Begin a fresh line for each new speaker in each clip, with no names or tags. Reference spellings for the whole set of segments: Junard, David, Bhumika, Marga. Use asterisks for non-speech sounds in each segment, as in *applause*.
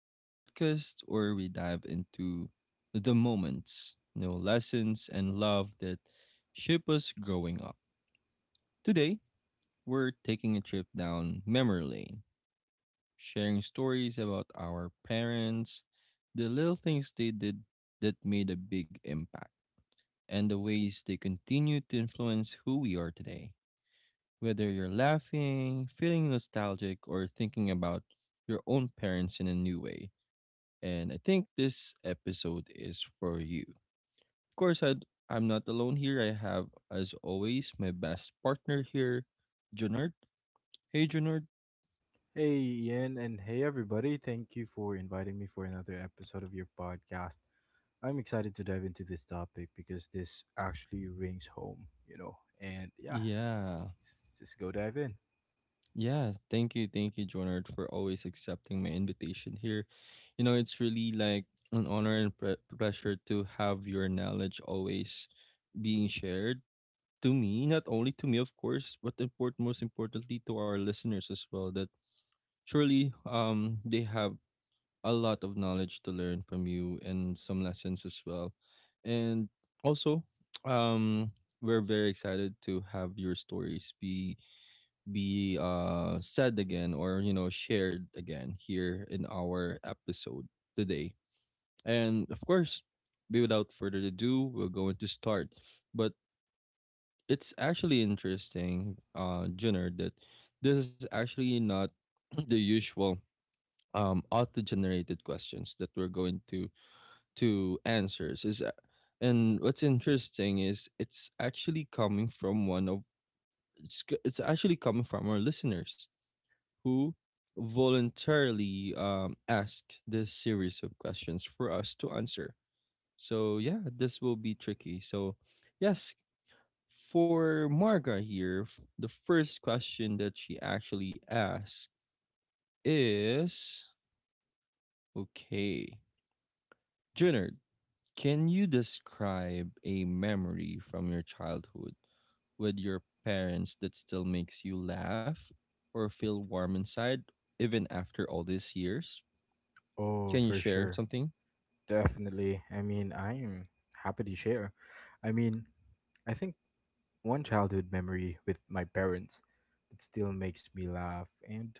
the podcast where we dive into the moments, you know, lessons, and love that shape us growing up. Today, we're taking a trip down memory lane, sharing stories about our parents, the little things they did that made a big impact, and the ways they continue to influence who we are today. Whether you're laughing, feeling nostalgic, or thinking about your own parents in a new way. And I think this episode is for you. Of course, I'm not alone here. I have, as always, my best partner here, Junard. Hey, Junard.
Hey, Ian, and hey, everybody. Thank you for inviting me for another episode of your podcast. I'm excited to dive into this topic because this actually rings home, you know. And yeah,
Yeah.
let's just go dive in.
Yeah. Thank you. Thank you, Jonard, for always accepting my invitation here. You know, it's really like an honor and pleasure to have your knowledge always being shared to me, not only to me, of course, but important, most importantly to our listeners as well, that surely they have a lot of knowledge to learn from you and some lessons as well. And also, um, we're very excited to have your stories be said again, or you know, shared again here in our episode today. And of course, without further ado, we're going to start. But it's actually interesting, Junard, that this is actually not *clears throat* the usual auto-generated questions that we're going to answers. Is And what's interesting is it's actually coming from one of it's actually coming from our listeners who voluntarily asked this series of questions for us to answer. So yeah, this will be tricky. So yes, for Marga here, the first question that she actually asked is, okay. Junard, can you describe a memory from your childhood with your parents that still makes you laugh or feel warm inside even after all these years?
Oh,
Can you
for
share
sure.
something?
Definitely. I mean, I'm happy to share. I mean, I think one childhood memory with my parents that still makes me laugh and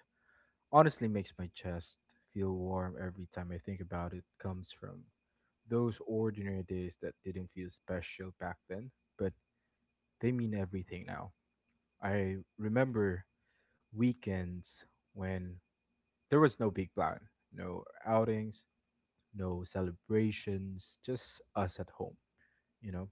honestly makes my chest feel warm every time I think about it comes from those ordinary days that didn't feel special back then, but they mean everything now. I remember weekends when there was no big plan, no outings, no celebrations, just us at home, you know.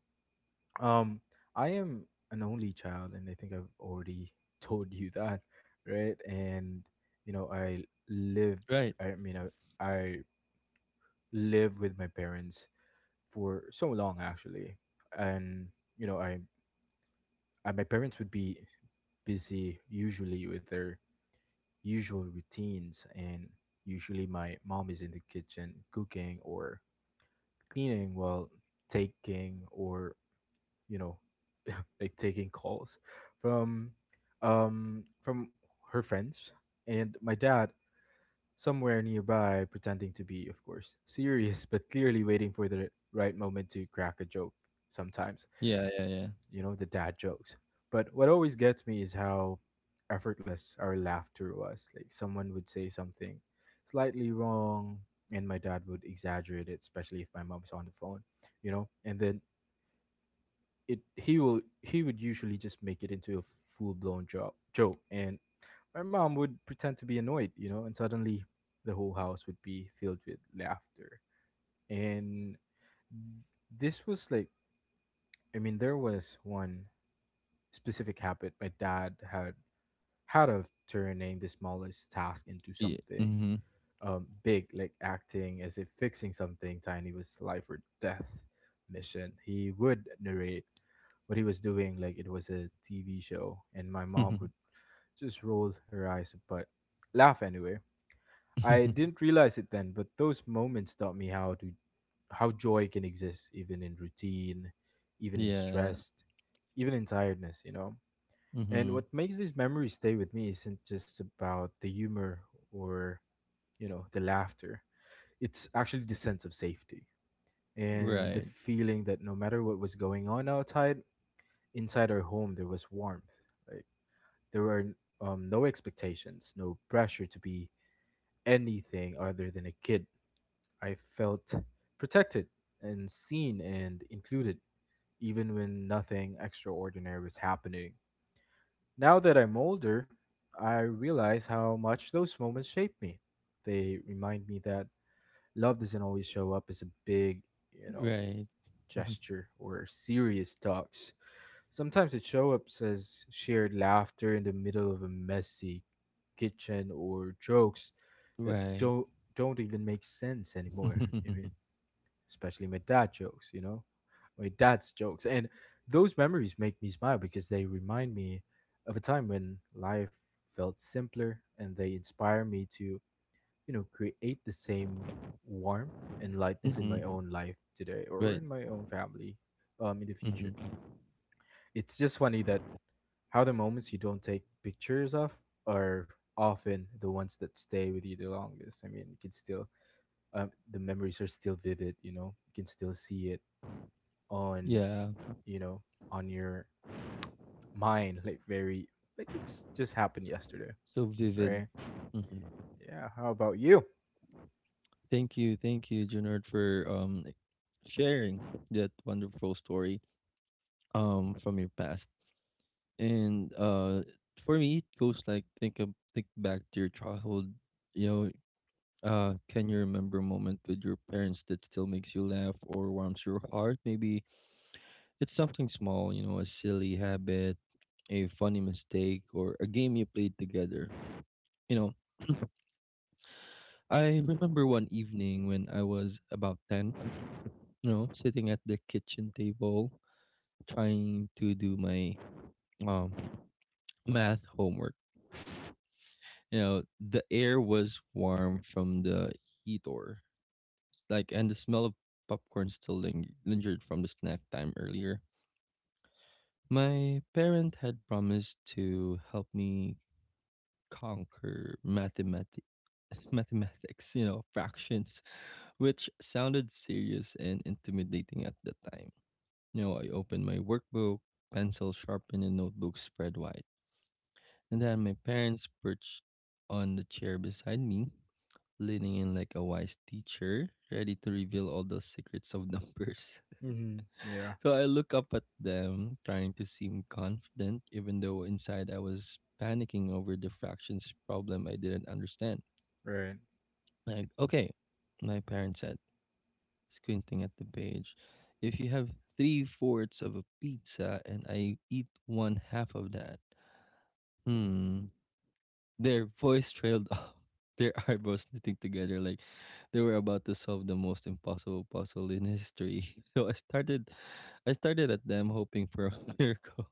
Um I am an only child and I think I've already *laughs* told you that, right? And you know, I live
Right.
I mean I live with my parents for so long actually and you know i, I my parents would be busy usually with their usual routines and usually my mom is in the kitchen cooking or cleaning while taking or you know *laughs* like taking calls from from her friends and my dad somewhere nearby, pretending to be, of course, serious, but clearly waiting for the right moment to crack a joke sometimes.
Yeah, yeah, yeah.
You know, the dad jokes. But what always gets me is how effortless our laughter was. Like, someone would say something slightly wrong, and my dad would exaggerate it, especially if my mom's on the phone, you know, and then. It, he will he would usually just make it into a full blown joke and my mom would pretend to be annoyed, you know, and suddenly the whole house would be filled with laughter. And this was like, I mean, there was one specific habit my dad had of turning the smallest task into
Yeah.
something big, like acting as if fixing something tiny was life or death mission. He would narrate what he was doing like it was a TV show, and my mom
Mhm.
would just roll her eyes but laugh anyway. I
*laughs*
didn't realize it then, but those moments taught me how to how joy can exist even in routine, even in
Yeah.
stress, even in tiredness, you know. And
Mhm.
what makes these memories stay with me isn't just about the humor or, you know, the laughter. It's actually the sense of safety and
Right.
the feeling that no matter what was going on outside, inside our home there was warmth. Like there were no expectations, no pressure to be anything other than a kid. I felt protected and seen and included, even when nothing extraordinary was happening. Now that I'm older, I realize how much those moments shape me. They remind me that love doesn't always show up as a big, you know,
Right. Mhm.
gesture or serious talks. Sometimes it shows up as shared laughter in the middle of a messy kitchen or jokes that
Right.
don't even make sense anymore. I mean,
*laughs*
especially my dad jokes, you know, my dad's jokes. And those memories make me smile because they remind me of a time when life felt simpler and they inspire me to, you know, create the same warmth and lightness in my
Mhm.
own life today or
Right.
in my own family in the future.
Mhm.
It's just funny that how the moments you don't take pictures of are often the ones that stay with you the longest. I mean, you can still the memories are still vivid, you know, you can still see it on
Yeah.
you know on your mind like very like it's just happened yesterday,
So vivid.
right?
Mhm.
Yeah, how about you?
Thank you, Junard, for sharing that wonderful story from your past. And for me it goes like, think of, think back to your childhood, you know, can you remember a moment with your parents that still makes you laugh or warms your heart? Maybe it's something small, you know, a silly habit, a funny mistake, or a game you played together. You know, I remember one evening when I was about 10, you know, sitting at the kitchen table trying to do my um math homework. You know, the air was warm from the heater, like, and the smell of popcorn still lingered from the snack time earlier. My parent had promised to help me conquer mathematics. *laughs* Mathematics, you know, fractions, which sounded serious and intimidating at the time. You know, I opened my workbook, pencil sharpened and notebook spread wide. And then my parents perched on the chair beside me, leaning in like a wise teacher, ready to reveal all the secrets of numbers. *laughs*
Mm-hmm. Yeah.
So I look up at them, trying to seem confident, even though inside I was panicking over the fractions problem I didn't understand.
Right.
Like, okay, my parents said, squinting at the page. If you have three-fourths of a pizza and I eat one half of that, hmm, their voice trailed off, *laughs* their eyebrows knitting together like they were about to solve the most impossible puzzle in history. *laughs* So I started at them hoping for a *laughs* miracle.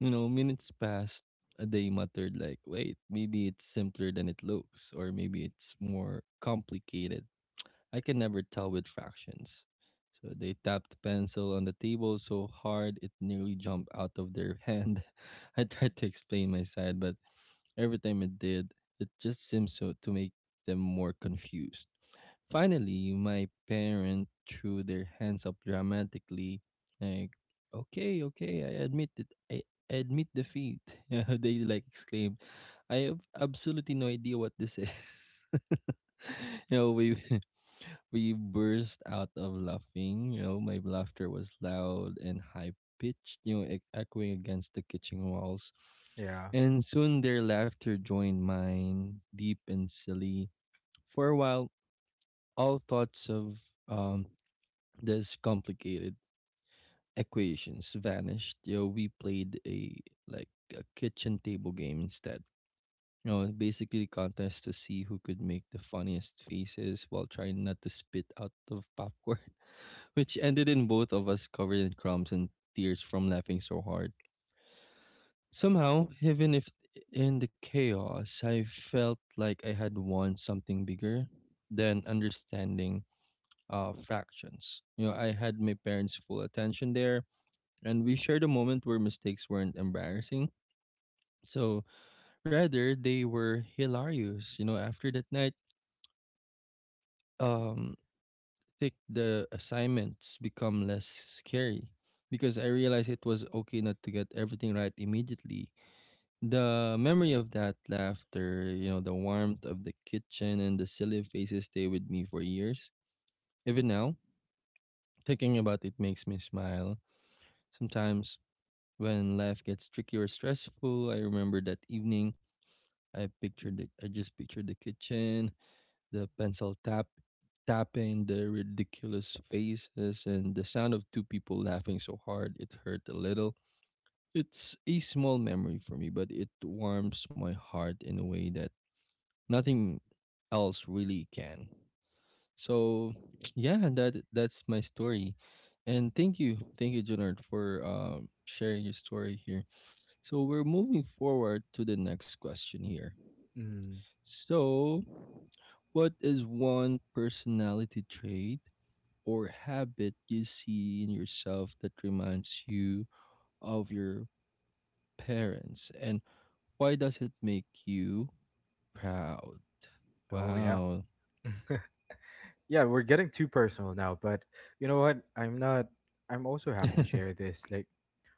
You know, minutes passed. They muttered like, "Wait, maybe it's simpler than it looks, or maybe it's more complicated. I can never tell with fractions." So they tapped the pencil on the table so hard it nearly jumped out of their hand. *laughs* I tried to explain my side, but every time it did, it just seemed so to make them more confused. Finally, my parent threw their hands up dramatically, like, "Okay, okay, I admit it. I admit defeat." *laughs* They like exclaimed, "I have absolutely no idea what this is." *laughs* You know, we burst out of laughing. You know, my laughter was loud and high pitched, you know, echoing against the kitchen walls.
Yeah.
And soon their laughter joined mine, deep and silly. For a while, all thoughts of um this complicated equations vanished. You know, we played a like a kitchen table game instead. You know, basically contest to see who could make the funniest faces while trying not to spit out of popcorn, which ended in both of us covered in crumbs and tears from laughing so hard. Somehow, even if in the chaos, I felt like I had won something bigger than understanding fractions. You know, I had my parents' full attention there, and we shared a moment where mistakes weren't embarrassing. So rather, they were hilarious. You know, after that night, um, think the assignments become less scary because I realized it was okay not to get everything right immediately. The memory of that laughter, you know, the warmth of the kitchen and the silly faces stay with me for years. Even now, thinking about it makes me smile. Sometimes when life gets tricky or stressful, I remember that evening. I pictured it. I just pictured the kitchen, the pencil tap tapping, the ridiculous faces, and the sound of two people laughing so hard it hurt a little. It's a small memory for me, but it warms my heart in a way that nothing else really can. So, *tsk* yeah, that's my story. And thank you, Junard, for sharing your story here. So we're moving forward to the next question here.
Mm.
So, what is one personality trait or habit you see in yourself that reminds you of your parents? And why does it make you proud?
Oh yeah.
Wow.
*laughs* Yeah, we're getting too personal now, but you know what, I'm not, I'm also happy to share
*laughs*
this. Like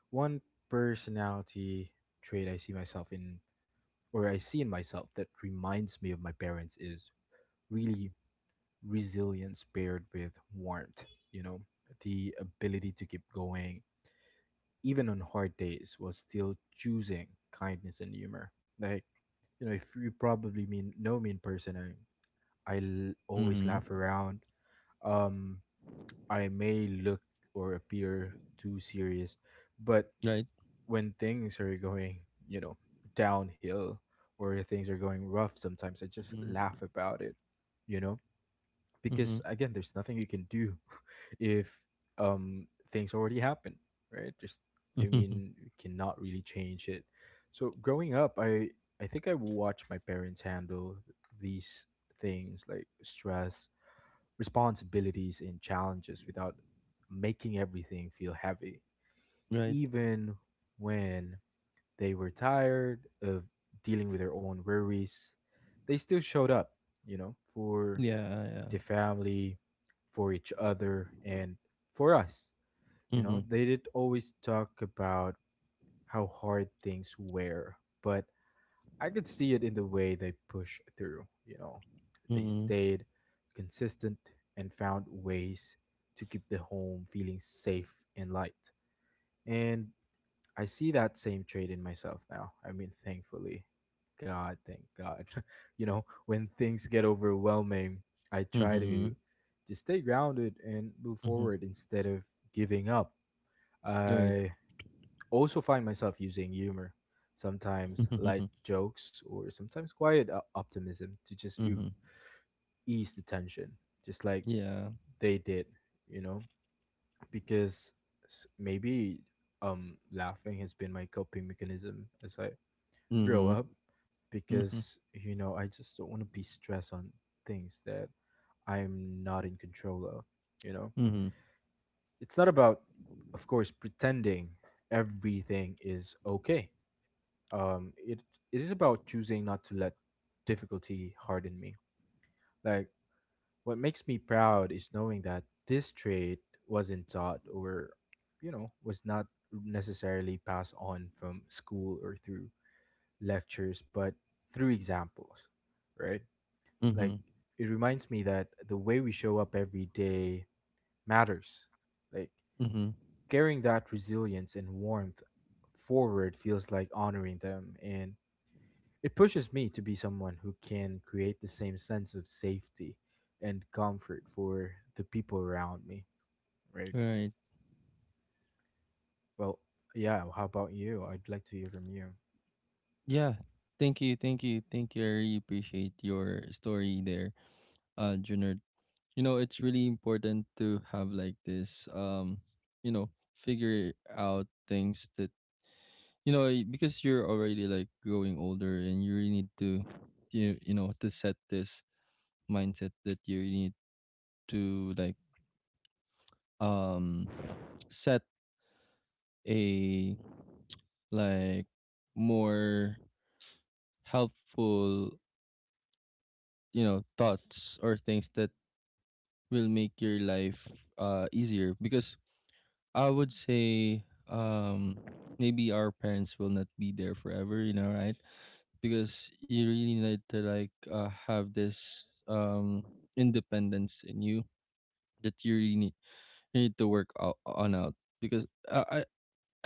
one personality trait I see myself in or I see in myself that reminds me of my parents is really resilience paired with warmth, you know, the ability to keep going, even on hard days, while still choosing kindness and humor. Like, you know, if you probably mean know me in person, I l- always
Hmm.
laugh around. Um, I may look or appear too serious, but
Right.
when things are going, you know, downhill or things are going rough sometimes, I just
Hmm.
laugh about it, you know?
Hmm.
Because again there's nothing you can do *laughs* if things already happen, right? Just, I
Hmm.
mean, you cannot really change it. So growing up I think I watched my parents handle these things like stress, responsibilities, and challenges without making everything feel heavy,
*laughs* Right.
even when they were tired of dealing with their own worries. They still showed up, you know, for
Yeah. Yeah.
the family, for each other, and for us. You
Hmm.
know, they did always talk about how hard things were, but I could see it in the way they pushed through. You know, they
Hmm.
stayed consistent and found ways to keep the home feeling safe and light. And I see that same trait in myself now. I mean, thankfully, God, thank God. *laughs* You know, when things get overwhelming, I try
Hmm.
to stay grounded and move
Hmm.
forward instead of giving up.
Right.
I also find myself using humor, sometimes light
*laughs*
jokes or sometimes quiet o- optimism to just ea-
Hmm.
ease the tension, just like
Yeah.
they did, you know, because maybe laughing has been my coping mechanism as I grow
Hmm.
up
Hmm.
because you know I just don't want to be stressed on things that I'm not in control of. You know,
Hmm.
it's not about, of course, pretending everything is okay. It it is about choosing not to let difficulty harden me. Like what makes me proud is knowing that this trait wasn't taught or, you know, was not necessarily passed on from school or through lectures, but through examples, right?
Hmm.
Like it reminds me that the way we show up every day matters. Like
Hmm.
carrying that resilience and warmth forward feels like honoring them and it pushes me to be someone who can create the same sense of safety and comfort for the people around me, right?
Right.
Well, yeah, how about you? I'd like to hear from you.
Yeah. Thank you. Thank you. Thank you. I really appreciate your story there, Junior. You know, it's really important to have like this, you know, figure out things that, you know, because you're already like growing older and you really need to, you know, to set this mindset that you really need to, like, um, *tsk* set a like more helpful, you know, thoughts or things that will make your life easier, because I would say um maybe our parents will not be there forever, you know, right? Because you really need to like have this um independence in you that you really need, you need to work on out, because I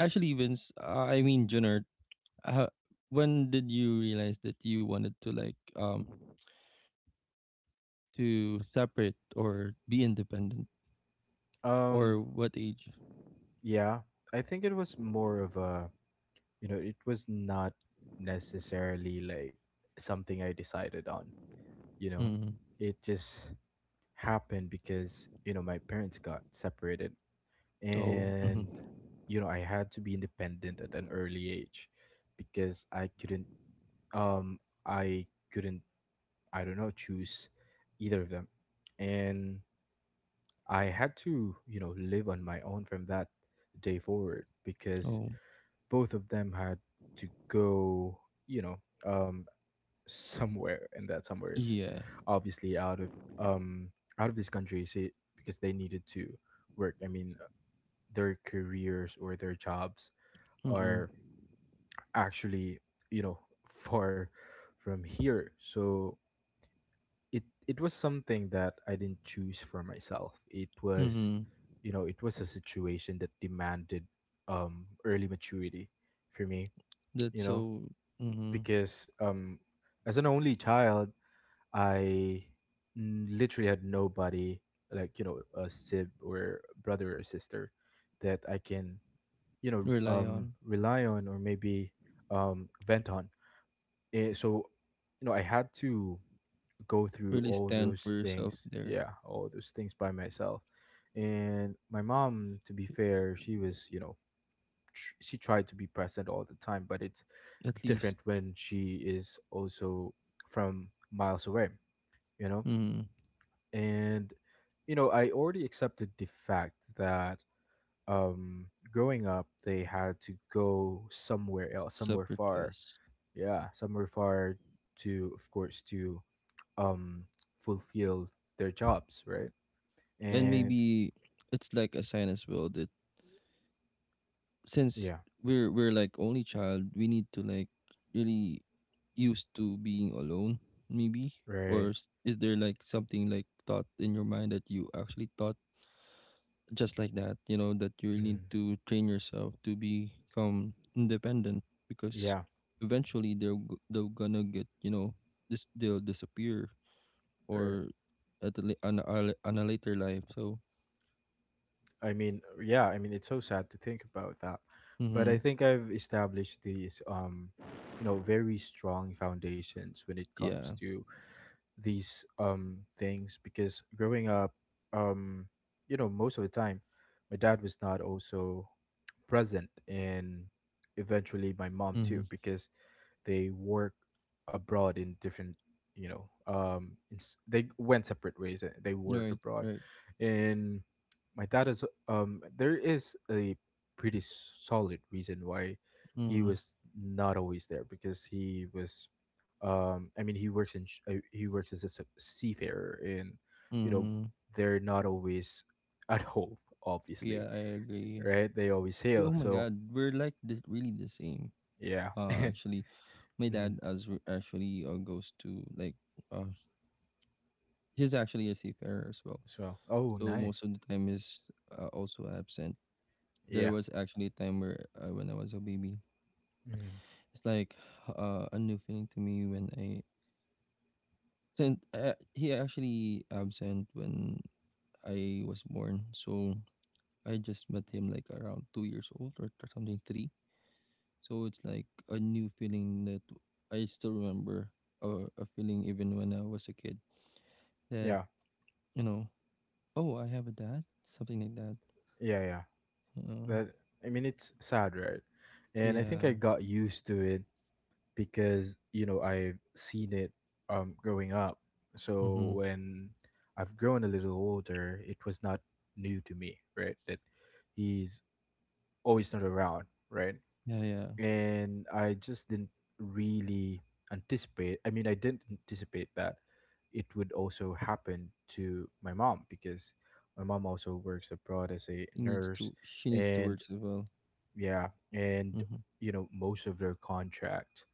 actually Vince I mean Junard, uh, when did you realize that you wanted to like to separate or be independent
Um,
or what age?
yeah, I think it was more of a you know it was not necessarily like something I decided on, you know,
Mm.
it just happened because you know my parents got separated
Oh.
and
Mm-hmm.
you know I had to be independent at an early age because um I couldn't I don't know choose either of them and I had to you know live on my own from that day forward because
Oh,
both of them had to go you know um somewhere, and that somewhere is
yeah.
obviously um out of this country. See, because they needed to work. I mean, their careers or their jobs
Mm-mm.
are actually you know *laughs* far from here. So it was something that I didn't choose for myself. It was
Mm-hmm.
you know it was a situation that demanded early maturity for me.
That's
You know
so mm-hmm.
because as an only child I n- literally had nobody like you know a sib or brother or sister that I can you know
Rely on.
rely on or maybe vent on. Eh, so you know I had to go through
Really
all
stand for
those
yourself
things,
there.
yeah, all those things by myself. And my mom, to be fair, she was you know she tried to be present all the time, but it's
At least.
different when she is also from miles away, you know,
Mm-hmm.
and you know I already accepted the fact that growing up they had to go somewhere else somewhere
Separate
far
ways.
yeah somewhere far to of course to um fulfill their jobs, right?
And
And
maybe it's like a sign as well that since
yeah,
we're like only child, we need to like really used to being alone, maybe? Or
right.
is there like something like thought in your mind that you actually thought just like that, you know, that you really need
Mhm,
to train yourself to become independent because
yeah,
eventually they're they're gonna get, you know, this, they'll disappear
right.
or at a, on, on a later life so
I mean, yeah, I mean, it's so sad to think about that, but
mm-hmm,
I think I've established these you know very strong foundations when it comes
yeah
to these things because growing up, um, you know, most of the time, my dad was not also present, and eventually my mom
mm-hmm,
too, because they work abroad in different, you know, it's, they went separate ways. They work
right,
abroad,
right
and my dad is There is a pretty s- solid reason why he
mm-hmm,
was not always there because he was, I mean, he works in he works as a s- seafarer, and you know,
mm-hmm,
they're not always *laughs* at home,
yeah,
obviously,
I agree.
right? They always
Y- oh
sail.
my
So
god, we're like the, really the same.
yeah. *laughs* And
Actually my dad
mhm,
as actually goes to like uh he's actually a seafarer as well.
as well. Oh,
So
nice.
most of the time is also absent. There
Yeah.
was actually a time where when I was a baby,
Mm.
it's like a new feeling to me when I sent. He actually absent when I was born, so I just met him like around 2 years old or something three. So it's like a new feeling that I still remember, or a feeling even when I was a kid that,
Yeah,
you know, oh, I have a dad, something like that.
yeah, yeah.
Uh,
That I mean, it's sad, right? And I think I
yeah.
got used to it because you know I've seen it growing up.
Mm-hmm.
So when I've grown a little older, it was not new to me, right? That he's always not around, right?
Yeah, yeah.
And I just didn't really anticipate. I mean, I didn't anticipate that it would also happen to my mom because my mom also works abroad as a
He needs to,
nurse,
she needs to work
and
as well.
yeah, and
Mhm.
most of their contract,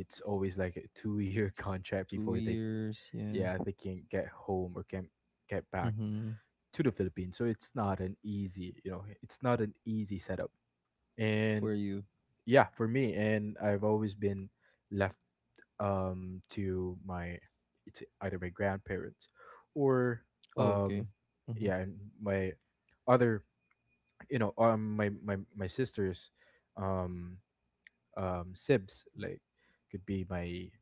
it's always like a two-year *laughs* contract
2
before they,
years, yeah.
yeah, they can get home or can get back
Mhm.
to the Philippines. So it's not an easy, it's not an easy setup. And
For you.
yeah, for me, and I've always been left to my, it's either my grandparents or
Oh, okay.
um
Mhm.
yeah, and my other, my sister's um sibs, like could be my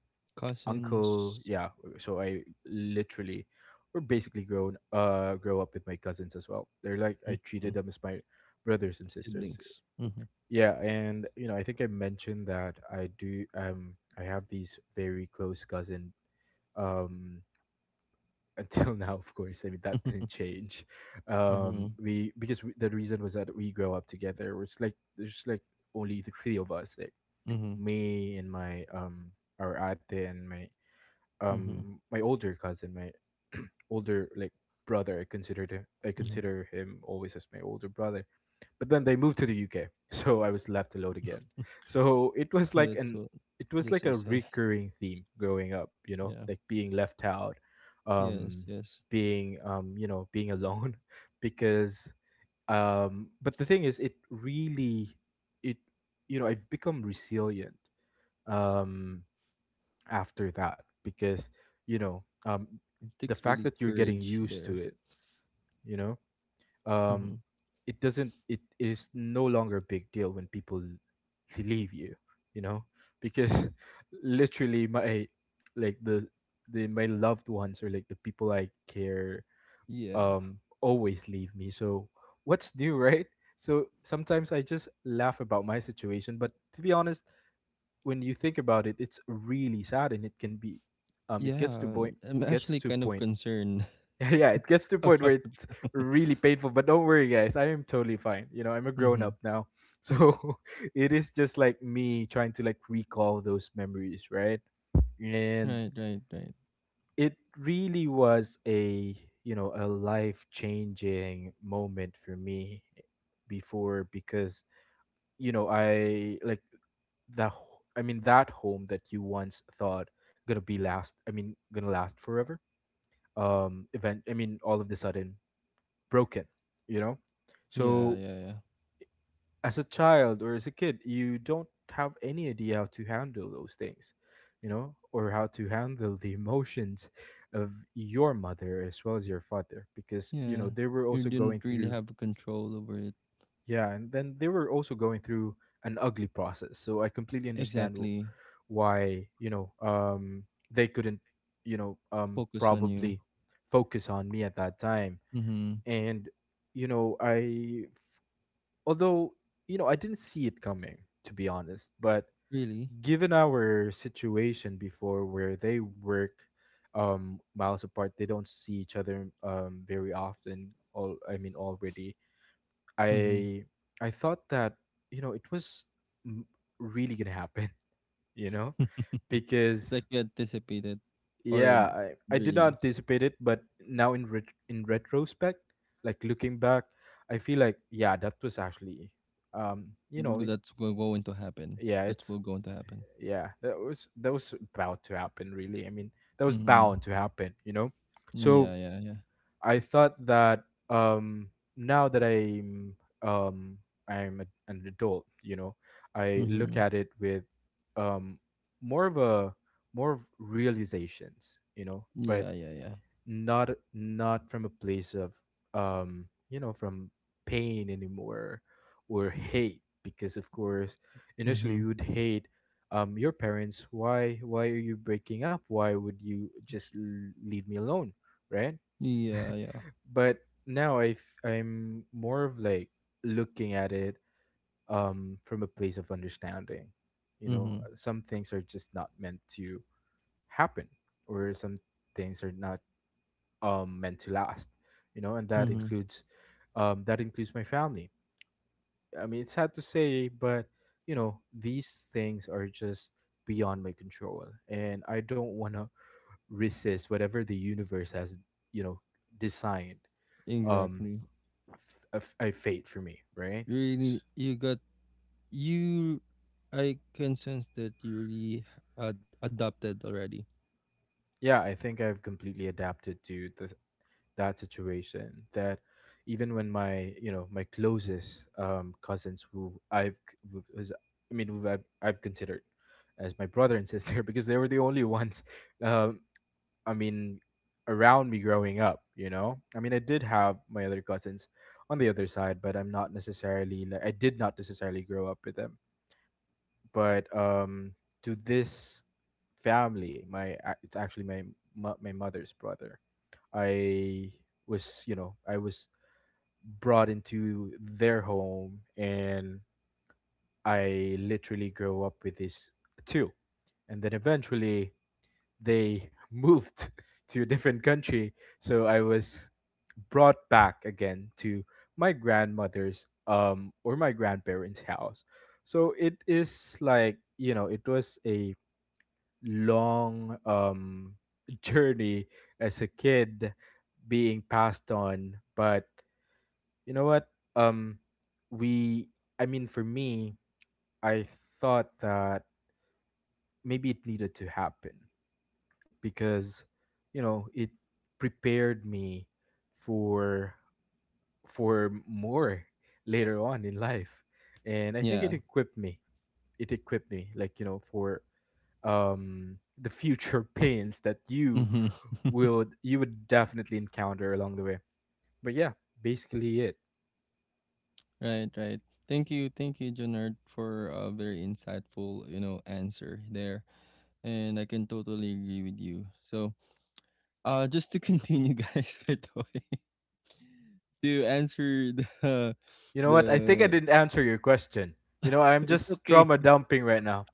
uncle,
Cousins.
yeah. So I literally or basically grow up with my cousins as well. They're like, I treated
Mhm.
them as my brothers and sisters.
Siblings. Mhm.
Yeah, and you know, I think I mentioned that I do I have these very close cousin um until *laughs* now, of course. I mean, that didn't change.
Mhm.
The reason was that we grow up together. We're like, there's just like only the three of us, like
Mhm.
me and my our ate, and my
Mhm.
my older cousin, my *clears throat* older, like, brother. I
Mhm. *laughs*
consider him always as my older brother. But then they moved to the UK, *laughs* so I was left alone again. So it was like
That's
an
so
it was
that's
like
so
a
sad. *laughs*
recurring theme growing up, you know,
Yeah.
like being left out,
Yes,
um,
yes.
being being alone, *laughs* because but the thing is, it really, it you know, I've become resilient um after that because you know um
It
the
takes
fact
really
that you're getting
courage
used to
there.
it, you know,
Mhm.
um it is no longer a big deal when people leave you, you know, because *laughs* literally my, like the, my loved ones, or like the people I care,
Yeah.
always leave me. So what's new? *laughs* Right? So sometimes I just laugh about my situation, but to be honest, when you think about it, it's really sad, and it can be, it
Yeah, I'm
gets
actually
to
kind of
point
concerned.
*laughs* yeah, it gets to a point where
*laughs*
it's really painful. But don't worry, guys. I am totally fine. You know, I'm a grown up
Mhm.
now. *laughs* So *laughs* it is just like me trying to, like, recall those memories, right? And
Right, right, right.
it really was a, you know, a life changing moment for me before because, you know, I like I mean, that home that you once thought I mean, gonna last forever. I mean, all of the sudden broken, you know?
Yeah,
So,
yeah, yeah.
as a child or as a kid, you don't have any idea how to handle those things, you know, or how to handle the emotions of your mother as well as your father because, you
Yeah.
know, they were
You
also
didn't
going
really
through,
have control over it.
yeah, and then they were also going through an ugly process. So, I completely understand
Exactly.
why, they couldn't,
Focus on you.
probably focus on me at that time.
Mhm.
And you know, I, although, you know, I didn't see it coming, to be honest, but
Really?
given our situation before, where they work miles apart, they don't see each other very often, all I mean already,
Mhm.
i I thought that, you know, it was m- really gonna happen, *laughs* you know,
It's *laughs* like
because
you anticipated, or
yeah, I did not
really
anticipate it. But now, in retrospect, like looking back, I feel like, yeah, that was actually you know,
that's going to happen.
yeah,
That's
it's,
will going to happen.
yeah, that was, about to happen, really. I mean, that was
Mhm.
bound to happen, you know? So
Yeah, yeah, yeah.
I thought that um now that I'm um an adult, you know, I look
Mhm.
at it with um more of a more of realizations, you know, but
Yeah, yeah, yeah.
not, not from a place of you know, from pain anymore, or hate, because of course initially
Mhm.
you would hate your parents. Why are you breaking up? Why would you just leave me alone, right?
Yeah, yeah.
But now I, I'm more of like looking at it from a place of understanding. You know,
Mhm.
some things are just not meant to happen, or some things are not meant to last, you know, and
Mhm.
that includes my family. I mean, it's sad to say, but you know, these things are just beyond my control, and I don't want to resist whatever the universe has, you know, designed, um,
Exactly.
a fate for me, right?
Really
S-
you got you I can sense that you really had adopted already.
yeah, I think I've completely adapted to the, that situation, that even when my, you know, my closest cousins who I've, who's, I mean, who I've, considered as my brother and sister *laughs* because they were the only ones um I mean, around me growing up, you know, I mean, I did have my other cousins on the other side, but I'm not necessarily like, I did not necessarily grow up with them. But to this family, it's actually my, my mother's brother. I was, you know, I was brought into their home, and I literally grew up with these two. And then eventually they *laughs* moved to a different country. So I was brought back again to my grandmother's, or my grandparents' house. So it is like, you know, it was a long, journey as a kid, being passed on. But you know what? Um, we, I mean, for me, I thought that maybe it needed to happen because, you know, it prepared me for for more later on in life, and I think it
Yeah.
equipped me, it equipped me, like, you know, for the future *laughs* pains that you,
Mhm. *laughs*
would you would definitely encounter along the way. But yeah, basically it.
Right, right. Thank you, Jonard, for a very insightful, answer there. And I can totally agree with you. Just to continue, *laughs* guys, by the way, *laughs* to answer the
You know what? I think I
the,
didn't answer your question. You know, I'm
*laughs* it's
just
okay.
trauma dumping right now.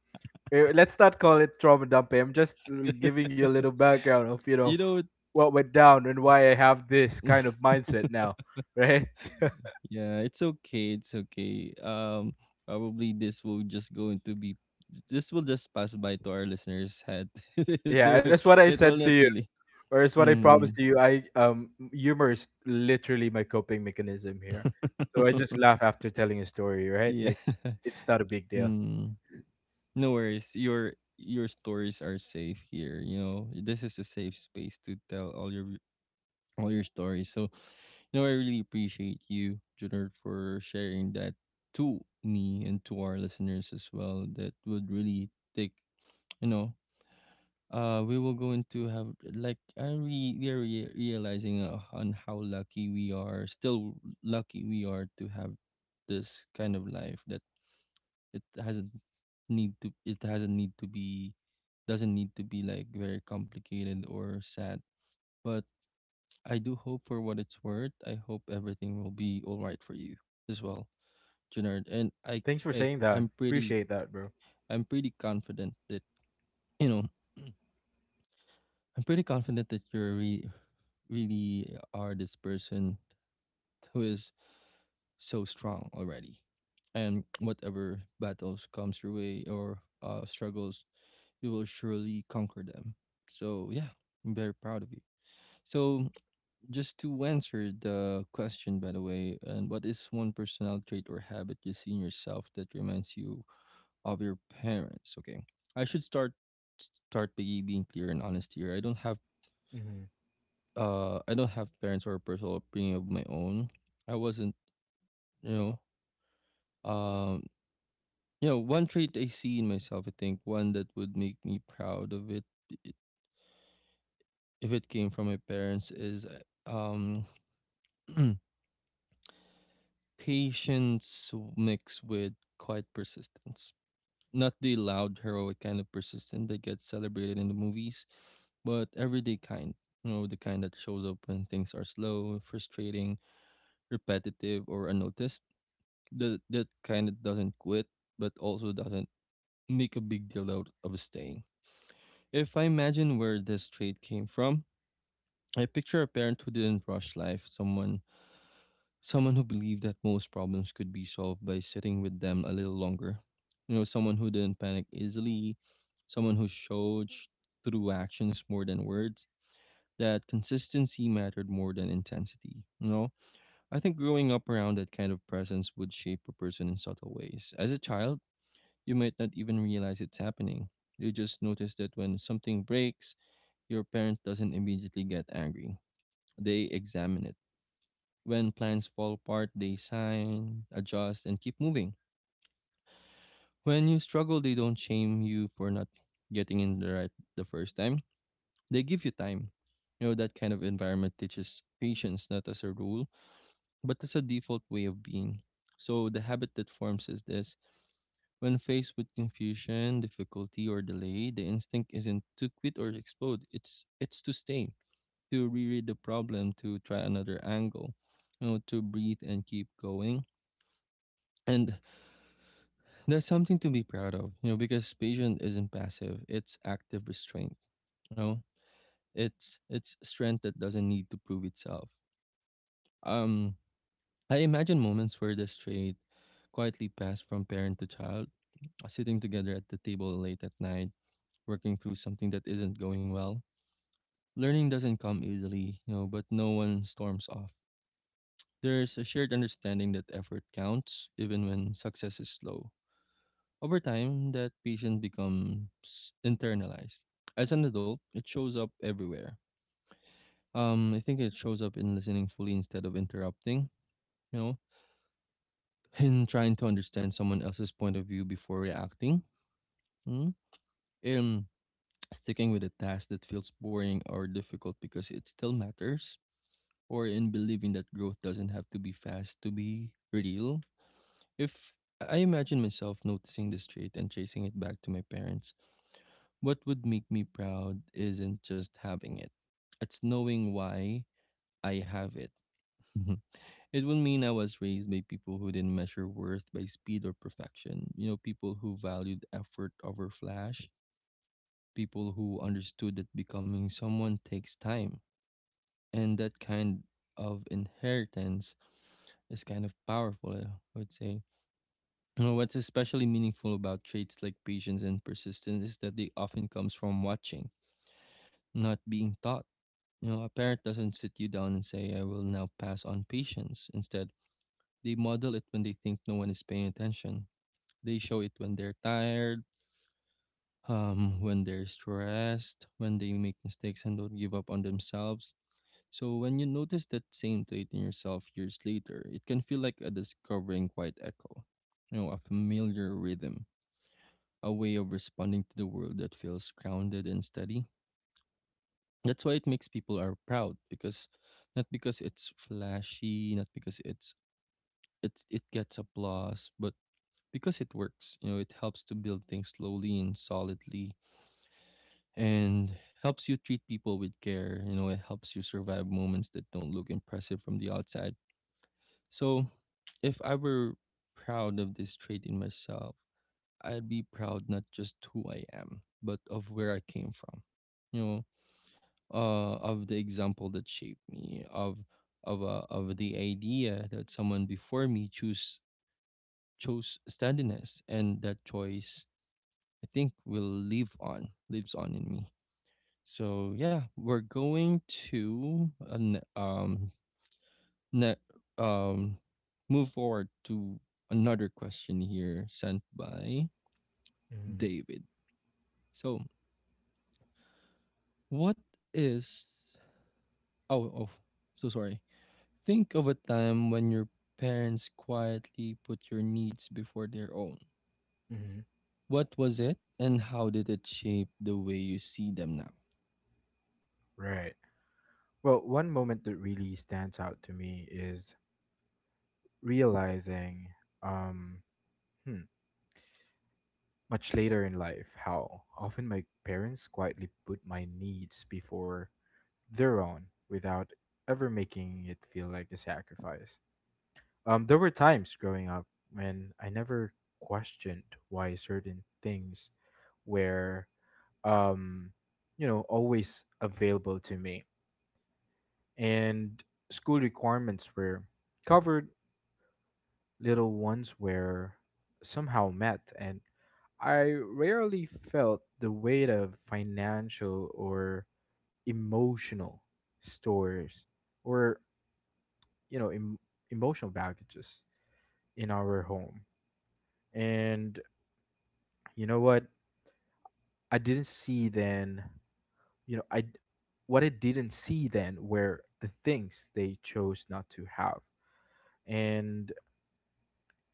Eh, let's not call it trauma dumping. I'm just
*laughs*
giving you a little background of, you know,
You know,
what went down and why I have this kind of
*laughs*
mindset now, *laughs* right?
yeah, it's okay. It's okay. Probably this will just going to be this will just pass by to our listeners' head. *laughs* they
Yeah, and
will,
that's what I
it will
said to
not
you,
really.
or it's what I
Mm,
promised to you. I, humor is literally my coping mechanism here. So I just laugh after telling a story, right?
yeah.
Like,
*laughs*
it's not a big deal.
Mm. No worries. Your stories are safe here. You know, this is a safe space to tell all your stories. So, you know, I really appreciate you, Junard, for sharing that to me and to our listeners as well. That would really take, you know, we will go into have like realizing on how lucky we are, still lucky we are to have this kind of life that it hasn't it hasn't need to be doesn't need to be like very complicated or sad. But I do hope for what it's worth. I hope everything will be all right for you as well, Junard. And
Thanks for
I
saying that.
I'm pretty
Appreciate that, bro.
I'm pretty confident that you know I'm pretty confident that really are this person who is so strong already, and whatever battles comes your way or struggles you will surely conquer them. So yeah, I'm very proud of you. So just to answer the question, by the way, and what is one personal trait or habit you see in yourself that reminds you of your parents? Okay, I should start by being clear and honest here.
Mm-hmm.
I don't have parents or a personal opinion of my own. I wasn't you know You know, one trait I see in myself. I think one that would make me proud of it if it came from my parents is uh, um *clears throat* patience mixed with quiet persistence, not the loud heroic kind of persistence that gets celebrated in the movies, but everyday kind, you know, the kind that shows up when things are slow, frustrating, repetitive, or unnoticed, that kind that doesn't quit, but also doesn't make a big deal out of staying. If I imagine where this trait came from, I picture a parent who didn't rush life, someone who believed that most problems could be solved by sitting with them a little longer. You know, someone who didn't panic easily, someone who through actions more than words that consistency mattered more than intensity. You know, I think growing up around that kind of presence would shape a person in subtle ways. As a child, you might not even realize it's happening. You just notice that when something breaks, your parent doesn't immediately get angry. They examine it. When plans fall apart, they sign, adjust, and keep moving. When you struggle, they don't shame you for not getting in the right the first time. They give you time. You know, that kind of environment teaches patience, not as a rule, but as a default way of being. So the habit that forms is this. When faced with confusion, difficulty, or delay, the instinct isn't to quit or explode. It's to stay, to reread the problem, to try another angle, you know, to breathe and keep going. And that's something to be proud of, you know, because patience isn't passive, it's active restraint. You know, it's strength that doesn't need to prove itself. Um I imagine moments where this trait quietly passed from parent to child, sitting together at the table late at night, working through something that isn't going well. Learning doesn't come easily, you know, but no one storms off. There's a shared understanding that effort counts even when success is slow. Over time, that patient becomes internalized. As an adult, it shows up everywhere. I think it shows up in listening fully instead of interrupting, you know, *laughs* in trying to understand someone else's point of view before reacting, mm? In sticking with a task that feels boring or difficult because it still matters, or in believing that growth doesn't have to be fast to be real. If I imagine myself noticing this trait and tracing it back to my parents, what would make me proud isn't just having it, it's knowing why I have it. *laughs* It would mean I was raised by people who didn't measure worth by speed or perfection. You know, people who valued effort over flash, people who understood that becoming someone takes time. And that kind of inheritance is kind of powerful, I would say. You know, what's especially meaningful about traits like patience and persistence is that they often comes from watching, not being taught. You know, a parent doesn't sit you down and say, "I will now pass on patience." Instead, they model it when they think no one is paying attention. They show it when they're tired, when they're stressed, when they make mistakes and don't give up on themselves. So, when you notice that same trait in yourself years later, it can feel like a discovering quiet echo, you know, a familiar rhythm, a way of responding to the world that feels grounded and steady. That's why it makes people are proud, because not because it's flashy, not because it it gets applause, but because it works. You know, it helps to build things slowly and solidly and helps you treat people with care. You know, it helps you survive moments that don't look impressive from the outside. So, if I were proud of this trait in myself, I'd be proud not just who I am, but of where I came from. You know. Of the example that shaped me, of the idea that someone before me choose chose steadiness, and that choice I think will lives on in me. So yeah, we're going to ne- um move forward to another question here sent by
Mm-hmm.
David. So what is, oh, oh, so sorry. Think of a time when your parents quietly put your needs before their own.
Mm-hmm.
What was it, and how did it shape the way you see them now?
Right. Well, one moment that really stands out to me is realizing, um, hmm, much later in life, how often my parents quietly put my needs before their own without ever making it feel like a sacrifice. There were times growing up when I never questioned why certain things were, um, you know, always available to me, and school requirements were covered, little ones were somehow met, and I rarely felt the weight of financial or emotional stores, or you know, emotional baggages in our home. And you know what, I didn't see then, you know, I what I didn't see then were the things they chose not to have. And,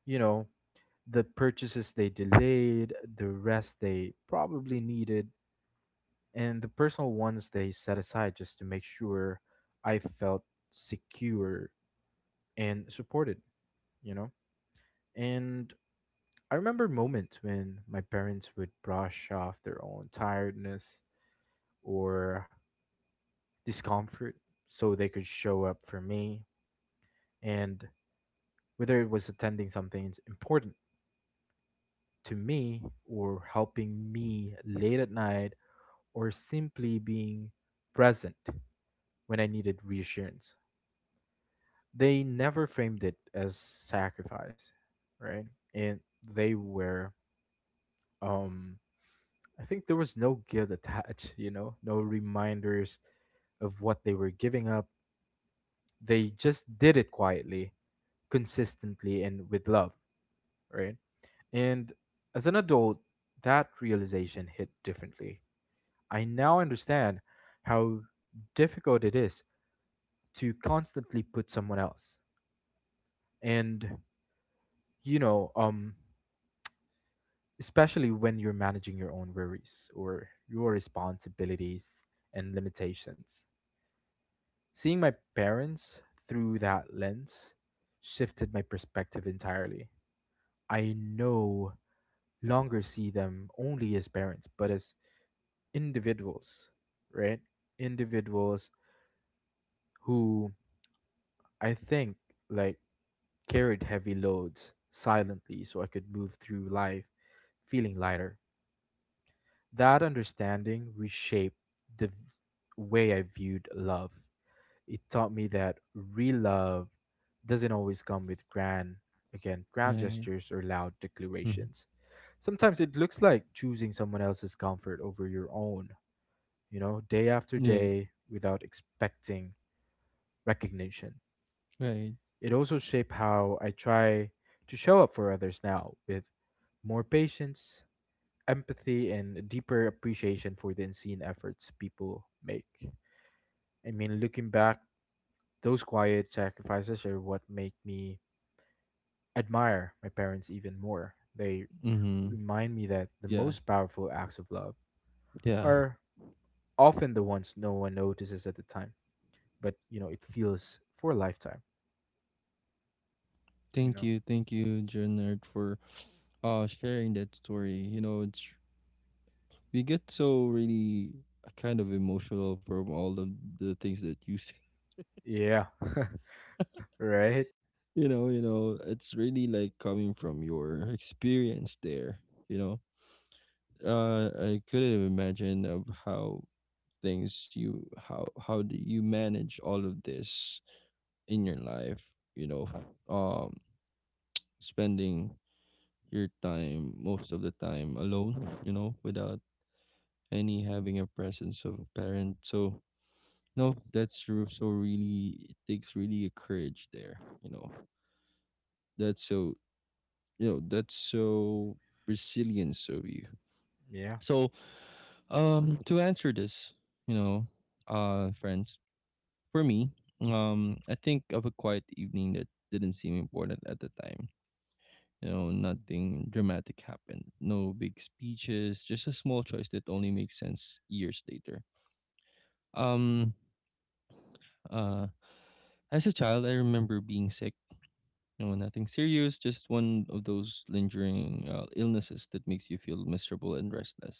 you know, the purchases they delayed, the rest they probably needed, and the personal ones they set aside just to make sure I felt secure and supported, you know? And I remember moments when my parents would brush off their own tiredness or discomfort so they could show up for me. And whether it was attending something important to me, or helping me late at night, or simply being present when I needed reassurance. They never framed it as sacrifice, right? And they were, um, I think there was no guilt attached, *laughs* you know, no reminders of what they were giving up. They just did it quietly, consistently, and with love, right? And as an adult, that realization hit differently. I now understand how difficult it is to constantly put someone else, and you know, especially when you're managing your own worries or your responsibilities and limitations. Seeing my parents through that lens shifted my perspective entirely. I no longer see them only as parents, but as individuals, right? Individuals who, I think, like, carried heavy loads silently so I could move through life feeling lighter. That understanding reshaped the v- way I viewed love. It taught me that real love doesn't always come with grand, again, grand
Right.
gestures or loud
Mhm.
declarations. Sometimes it looks like choosing someone else's comfort over your own, you know, day after
Yeah.
day without expecting recognition.
Right.
It also shaped how I try to show up for others now, with more patience, empathy, and a deeper appreciation for the unseen efforts people make. I mean, looking back, those quiet sacrifices are what make me admire my parents even more. They
Mm-hmm.
remind me that the
Yeah.
most powerful acts of love
Yeah.
are often the ones no one notices at the time, but you know, it feels for a lifetime, you
Thank
know.
you. Thank you, Jernard, for sharing that story. You know, it's we get so really kind of emotional from all of the things that you say. *laughs*
Yeah. *laughs* Right?
You know, it's really like coming from your experience there. You know, I couldn't imagine of how things you how do you manage all of this in your life? You know, um, spending your time most of the time alone. You know, without any having a presence of a parent. So no, that's true. So really, it takes really a courage there. You know, that's so that's so resilience of you.
Yeah.
So to answer this, you know, friends, for me, I think of a quiet evening that didn't seem important at the time. You know, nothing dramatic happened. No big speeches. Just a small choice that only makes sense years later. Um, uh, as a child, I remember being sick. No, nothing serious, just one of those lingering illnesses that makes you feel miserable and restless.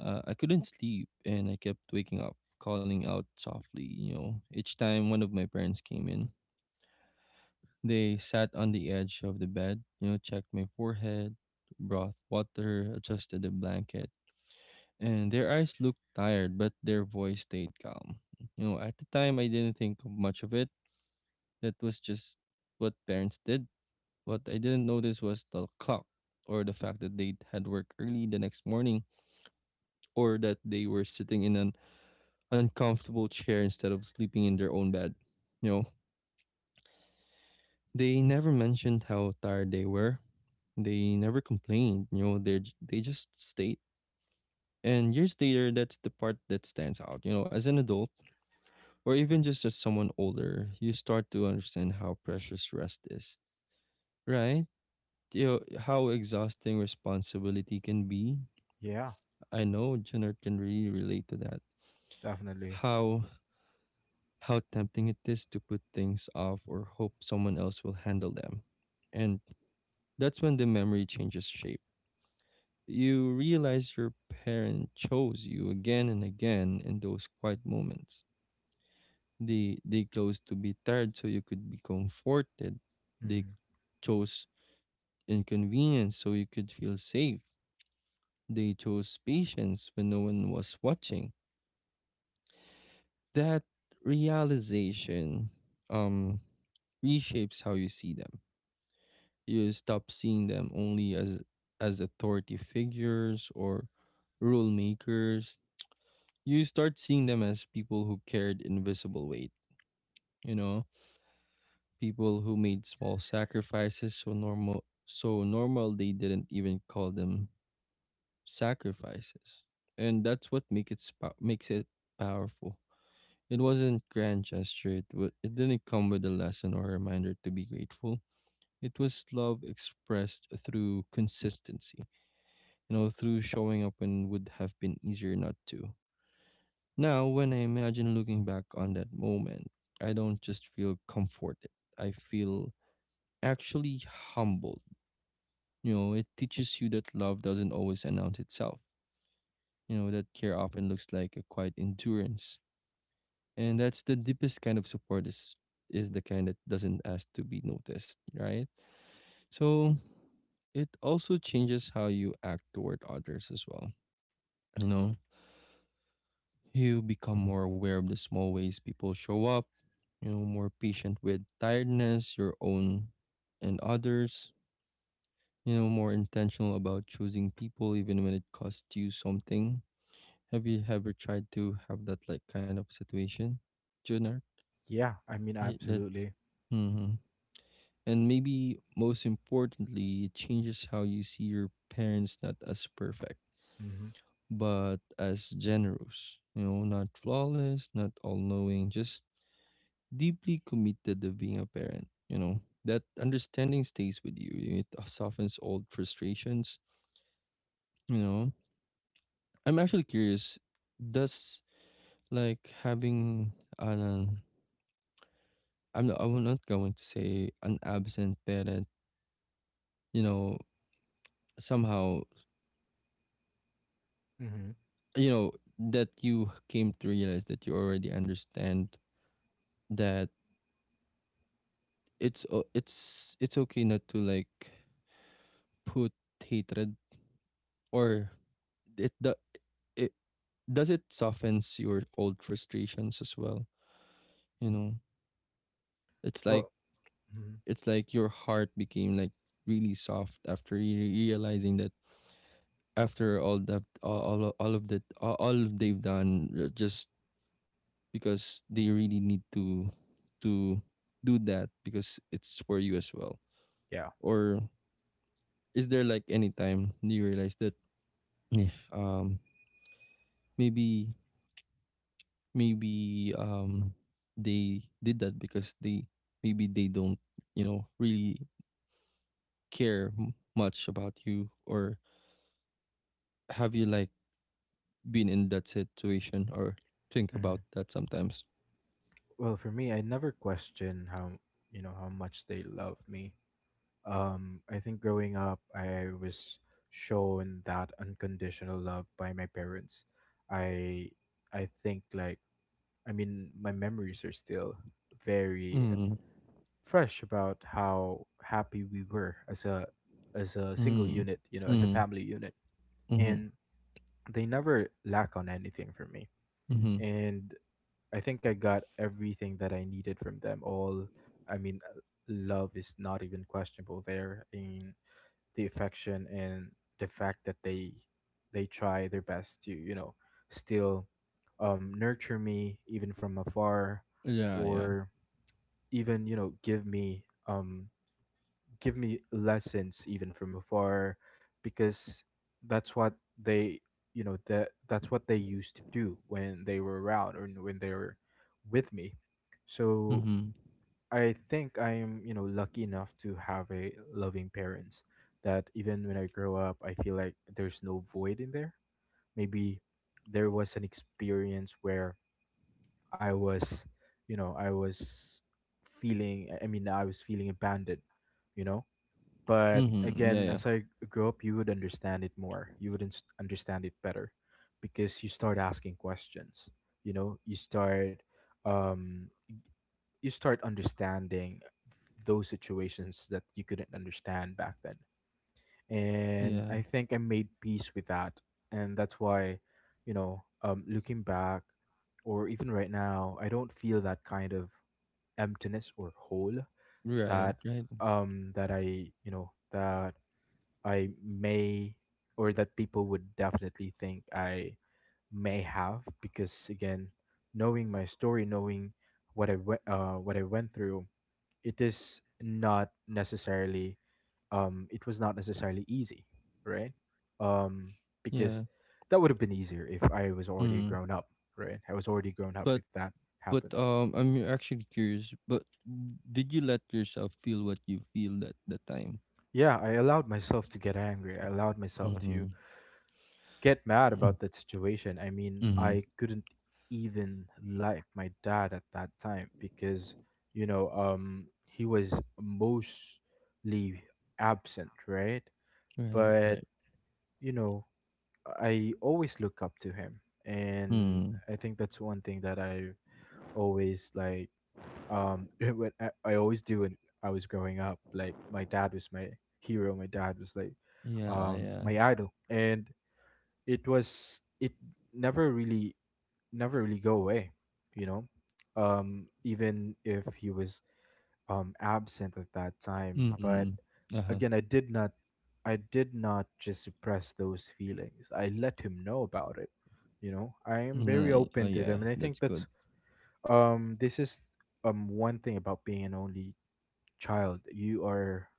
I couldn't sleep and I kept waking up, calling out softly, you know. Each time one of my parents came in, they sat on the edge of the bed, you know, checked my forehead, brought water, adjusted the blanket, and their eyes looked tired, but their voice stayed calm. You know, at the time I didn't think much of it. That was just what parents did. What I didn't notice was the clock, or the fact that they had work early the next morning, or that they were sitting in an uncomfortable chair instead of sleeping in their own bed. You know, they never mentioned how tired they were. They never complained. You know, they just stayed. And years later, that's the part that stands out. You know, as an adult, or even just as someone older, you start to understand how precious rest is, right? You know, how exhausting responsibility can be.
Yeah.
I know Jenner can really relate to that.
Definitely.
How how tempting it is to put things off or hope someone else will handle them. And that's when the memory changes shape. You realize your parent chose you again and again in those quiet moments. They chose to be tired so you could be comforted. They
Hmm.
chose inconvenience so you could feel safe. They chose patience when no one was watching. That realization um reshapes how you see them. You stop seeing them only as authority figures or rule makers. You start seeing them as people who carried invisible weight, you know, people who made small sacrifices so normal they didn't even call them sacrifices. And that's what makes it powerful. It wasn't grand gesture. It didn't come with a lesson or a reminder to be grateful. It was love expressed through consistency, you know, through showing up when would have been easier not to. Now, when I imagine looking back on that moment, I don't just feel comforted. I feel actually humbled. You know, it teaches you that love doesn't always announce itself. You know, that care often looks like a quiet endurance. And that's the deepest kind of support is the kind that doesn't ask to be noticed, right? So it also changes how you act toward others as well. You know, you become more aware of the small ways people show up, you know, more patient with tiredness, your own and others, you know, more intentional about choosing people even when it costs you something. Have you ever tried to have that like kind of situation, Junior?
Yeah, I mean,
That
absolutely.
mm-hmm. And maybe most importantly, it changes how you see your parents not as perfect,
Hmm.
but as generous. You know, not flawless, not all knowing, just deeply committed to being a parent. You know, that understanding stays with you. It softens old frustrations. You know, I'm actually curious, does like having an, I'm not going to say an absent parent, you know, somehow
Hmm.
you know that you came to realize that you already understand that it's o- it's it's okay not to like put hatred or it the it does it softens your old frustrations as well, you know, it's like
Well, mhm,
it's like your heart became like really soft after you realizing that, after all that all of that all of they've done, just because they really need to do that because it's for you as well.
yeah.
Or is there like any time you realize that eh, um maybe maybe they did that because they maybe they don't you know really care much about you, or have you like been in that situation or think about
Hmm.
that sometimes?
Well, for me, I never question how you know how much they love me. I think growing up, I was shown that unconditional love by my parents. I I think my memories are still very
Mm
fresh about how happy we were as a single
mm
unit, you know, as a
mm
family unit,
mm
and they never lack on anything for me.
mm
And I think I got everything that I needed from them. I mean, uh, Love is not even questionable there, in the affection and the fact that they try their best to, you know, still nurture me even from afar,
yeah yeah
or even, you know, give me lessons even from afar because that's what they you know that that's what they used to do when they were around or when they were with me. So
mm
I think I am, you know, lucky enough to have a loving parents that even when I grow up I feel like there's no void in there. Maybe there was an experience where I was you know I was feeling I mean I was feeling abandoned, you know. But
mm yeah
again,
yeah
as I grew up, you would understand it more. You would understand it better because you start asking questions. You know, um, you start understanding those situations that you couldn't understand back then. And
yeah
I think I made peace with that, and that's why, you know, looking back, or even right now, I don't feel that kind of emptiness or hole
right
that
right
I, you know, that I may, or that people would definitely think I may have, because again, knowing my story, knowing what I went through, it is not it was not necessarily easy, right? Um, because
yeah
that would have been easier if I was already
mm.
grown up, right? I was already grown up
but
if that
But
happened.
um, I'm actually curious. But did you let yourself feel what you feel at the time?
Yeah, I allowed myself to get angry. I allowed myself
Mm-hmm.
to get mad about that
*clears throat*
situation. I mean, I
Mm-hmm.
couldn't even like my dad at that time because, you know, he was mostly absent, right?
Right.
But,
Right.
you know, I always look up to him. And
Hmm.
I think that's one thing that I always *laughs* I always do when I was growing up. Like, my dad was my hero, my dad was like,
Yeah. Yeah.
my idol. And it never really never really go away, you know, even if he was absent at that time. But
Mm-hmm. Uh huh.
again, I did not just suppress those feelings. I let him know about it. You know, I am very
Nice. Oh
open to
yeah,
them, and I think
that's good.
that's this is one thing about being an only child: you are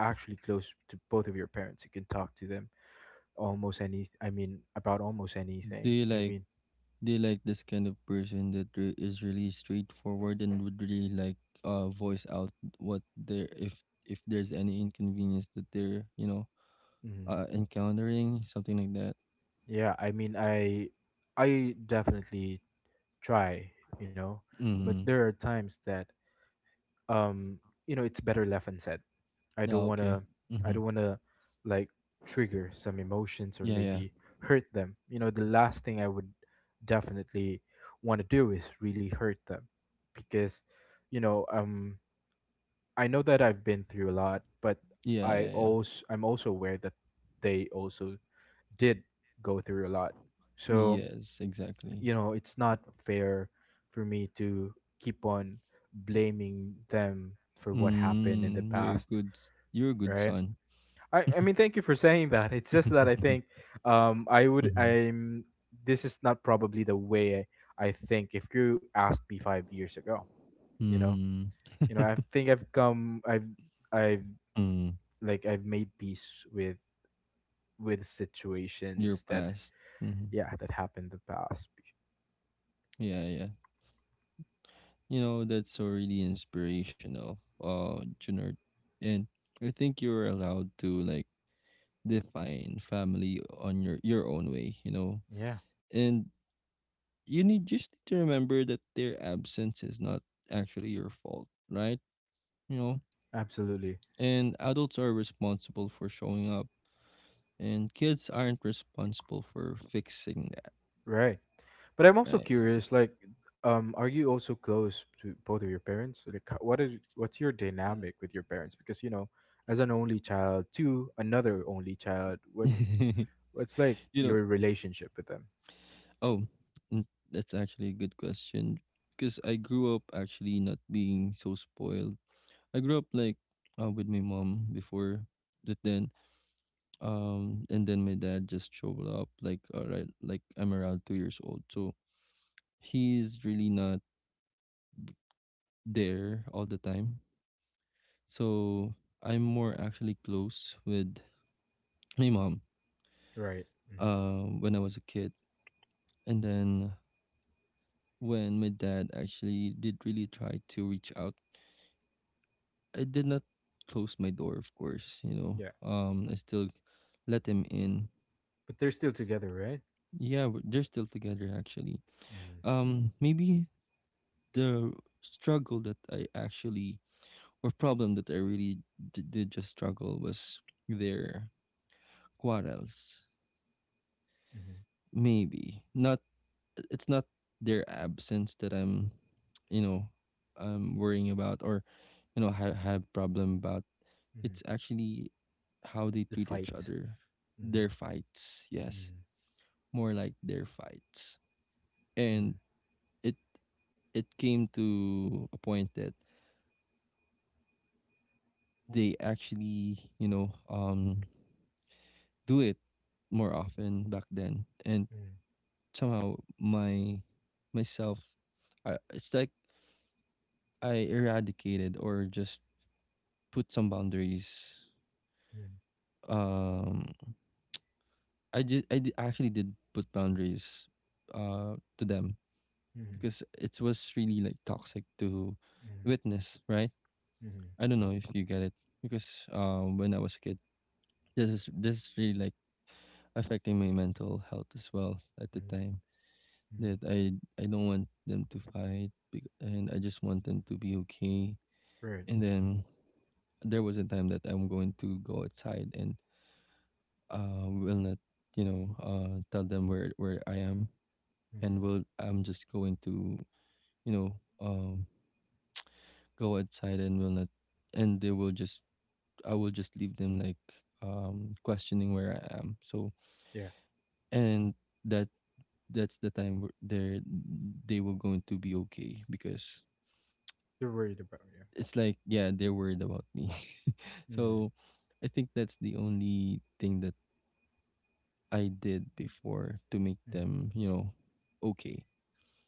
actually close to both of your parents. You can talk to them almost any I mean about almost
Do
anything,
you
I
like
mean.
do you like this kind of person that is really straightforward and would really like voice out what they're if there's any inconvenience that they're you know
Mm,
encountering something like that.
yeah, I mean, I definitely try, you know, but
Mm-hmm.
there are times that um, you know, it's better left unsaid. I
Yeah.
don't want
Okay.
to I
Mm-hmm.
don't want to like trigger some emotions or
Yeah. Yeah.
maybe hurt them. You know, the last thing I would definitely want to do is really hurt them because, you know, I know that I've been through a lot, but
Yeah, yeah, yeah.
I'm also aware that they also did go through a lot. So,
Yes, exactly.
you know, it's not fair for me to keep on blaming them for what happened in the
Mm, you're a
past,
good
right?
son. *laughs*
I mean, thank you for saying that. It's just that I think um, I would,
Mhm,
I'm, this is not probably the way I think. If you asked me 5 years ago, you know,
mhm,
you know, I think I've come, I've,
mm.
like, I've made peace with
Your
situations that,
past. Mhm.
yeah, that happened in the past.
Yeah, yeah. You know, that's so really inspirational, Junard. And I think you're allowed to like define family on your own way, you know.
Yeah.
And you need just need to remember that their absence is not actually your fault, right? You know,
Absolutely.
and adults are responsible for showing up and kids aren't responsible for fixing that,
Right. But I'm also
right?
curious, like, are you also close to both of your parents? Like, what is, what's your dynamic with your parents? Because, you know, as an only child to another only child,
*laughs*
what's like
You know,
your relationship with them?
oh, mm, that's actually a good question because I grew up actually not being so spoiled. I grew up like with my mom before, but then and then my dad just showed up like all right, like I'm around 2 years old, so he's really not there all the time. So I'm more actually close with my mom
Right. Hmm.
when I was a kid, and then when my dad actually did really try to reach out, I did not close my door, of course, you know.
Yeah.
I still let him in.
But they're still together, right?
Yeah, they're still together actually.
Mm-hmm.
Maybe the struggle that I actually or problem that I really did just struggle was their quarrels. Maybe not. It's not their absence that I'm, you know, I'm worrying about or you know have problem about.
Hmm.
It's actually how they
The
treat each
fight.
other.
Mm-hmm.
Their fights, yes, more like their fights.
Mm-hmm.
And it it came to a point that they actually, you know, do it more often back then. And
Mm,
somehow myself it's like I eradicated or just put some boundaries.
mm,
Um I actually did put boundaries uh to them
mm,
because it was really like toxic to
mm,
witness, right?
mm,
I don't know if you get it because when I was a kid, this is really like affecting my mental health as well at the
mm,
time,
mm.
that I don't want them to fight and I just want them to be okay.
Right.
And then there was a time that I'm going to go outside and will not you know tell them where I am, and
Mm.
will I'm just going to you know um. go outside and will not, and they will just, I will just leave them like questioning where I am. So
Yeah.
and that that's the time where they were going to be okay because
You're worried about, yeah.
it's like yeah they're worried about me. *laughs* So
Mm,
I think that's the only thing that I did before to make
mm,
them you know okay.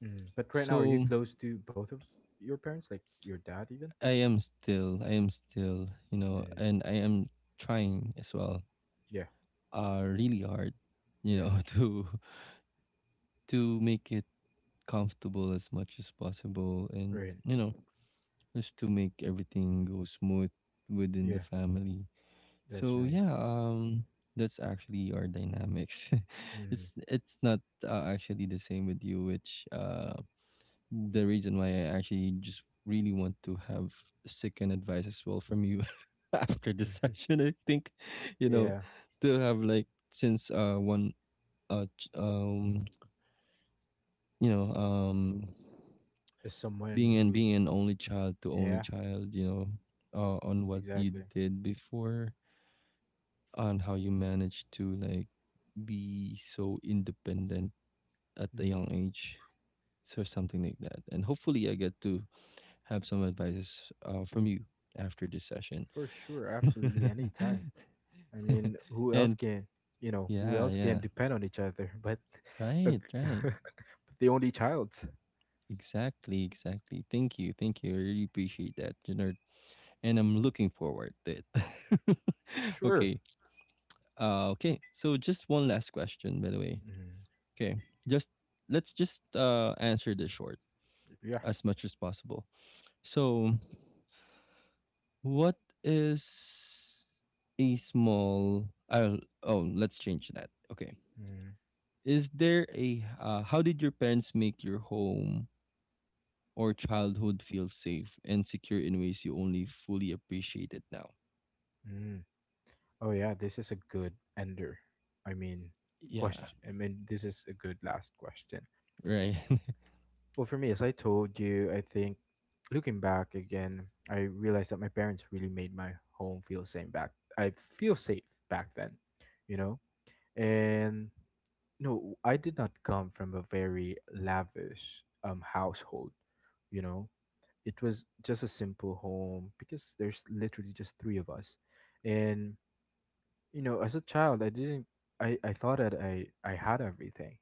mm. But right now, are you
So
close to both of your parents, like your dad even?
I am still, I am still, you know,
Mm.
and I am trying as well
Yeah.
really hard, you
Yeah.
know, *laughs* to make it comfortable as much as possible, and
Right.
you know just to make everything go smooth within the
Yeah.
family.
That's
So
nice.
yeah, um, that's actually our dynamics. *laughs* It's
Mm.
not actually the same with you, which the reason why I actually just really want to have second advice as well from you *laughs* after the
*laughs*
session, I think, you know,
Yeah.
to have like, since one ch- you know
As someone
being and
who's
being an only child to only
yeah,
child, you know, on what you
exactly.
did before, on how you managed to like be so independent at a young
Hmm.
age, so something like that. And hopefully, I get to have some advices from you after this session.
For sure. Absolutely.
*laughs*
Anytime. I mean, who else
And
can, you know? Who
yeah,
else
yeah,
can depend on each other? But *laughs* a,
right, right.
*laughs* the only child.
Exactly, exactly. Thank you, thank you. I really appreciate that, Jenard. And I'm looking forward to it. *laughs*
Sure.
Okay, uh, okay. So just one last question, by the way.
Mm,
Okay. Just let's just answer this short
yeah.
as much as possible. So what is a small oh let's change that. Okay.
Mm,
Is there a how did your parents make your home or childhood feel safe and secure in ways you only fully appreciate it now?
mm. Oh yeah, this is a good ender. I mean,
Yeah.
question. I mean, this is a good last question.
Right. *laughs*
Well, for me, as I told you, I think looking back again, I realized that my parents really made my home feel safe back. I feel safe back then, you know. And no, I did not come from a very lavish household, you know. It was just a simple home because there's literally just three of us. And you know, as a child, I didn't I thought that I had everything,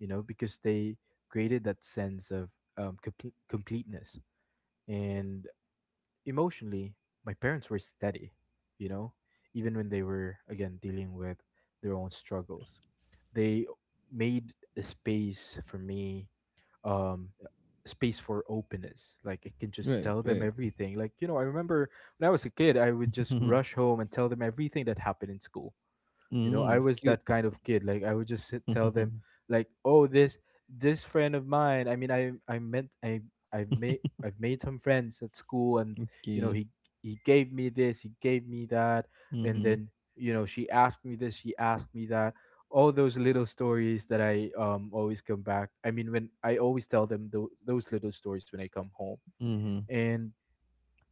you know, because they created that sense of completeness. And emotionally, my parents were steady, you know, even when they were again dealing with their own struggles. They made a space for me, um, space for openness. Like I can just
Right,
tell them
right.
everything. Like, you know, I remember when I was a kid, I would just rush
*laughs*
home and tell them everything that happened in school. You know,
Mm,
I was
cute.
that kind of kid. Like I would just sit, tell them,
*laughs*
like, oh, this friend of mine. I've made some friends at school, and you know,
Okay.
he gave me this, he gave me that, and
Mhm,
then, you know, she asked me this, she asked me that. All those little stories that I always come back. I mean, when I always tell them those little stories when I come home.
mhm.
And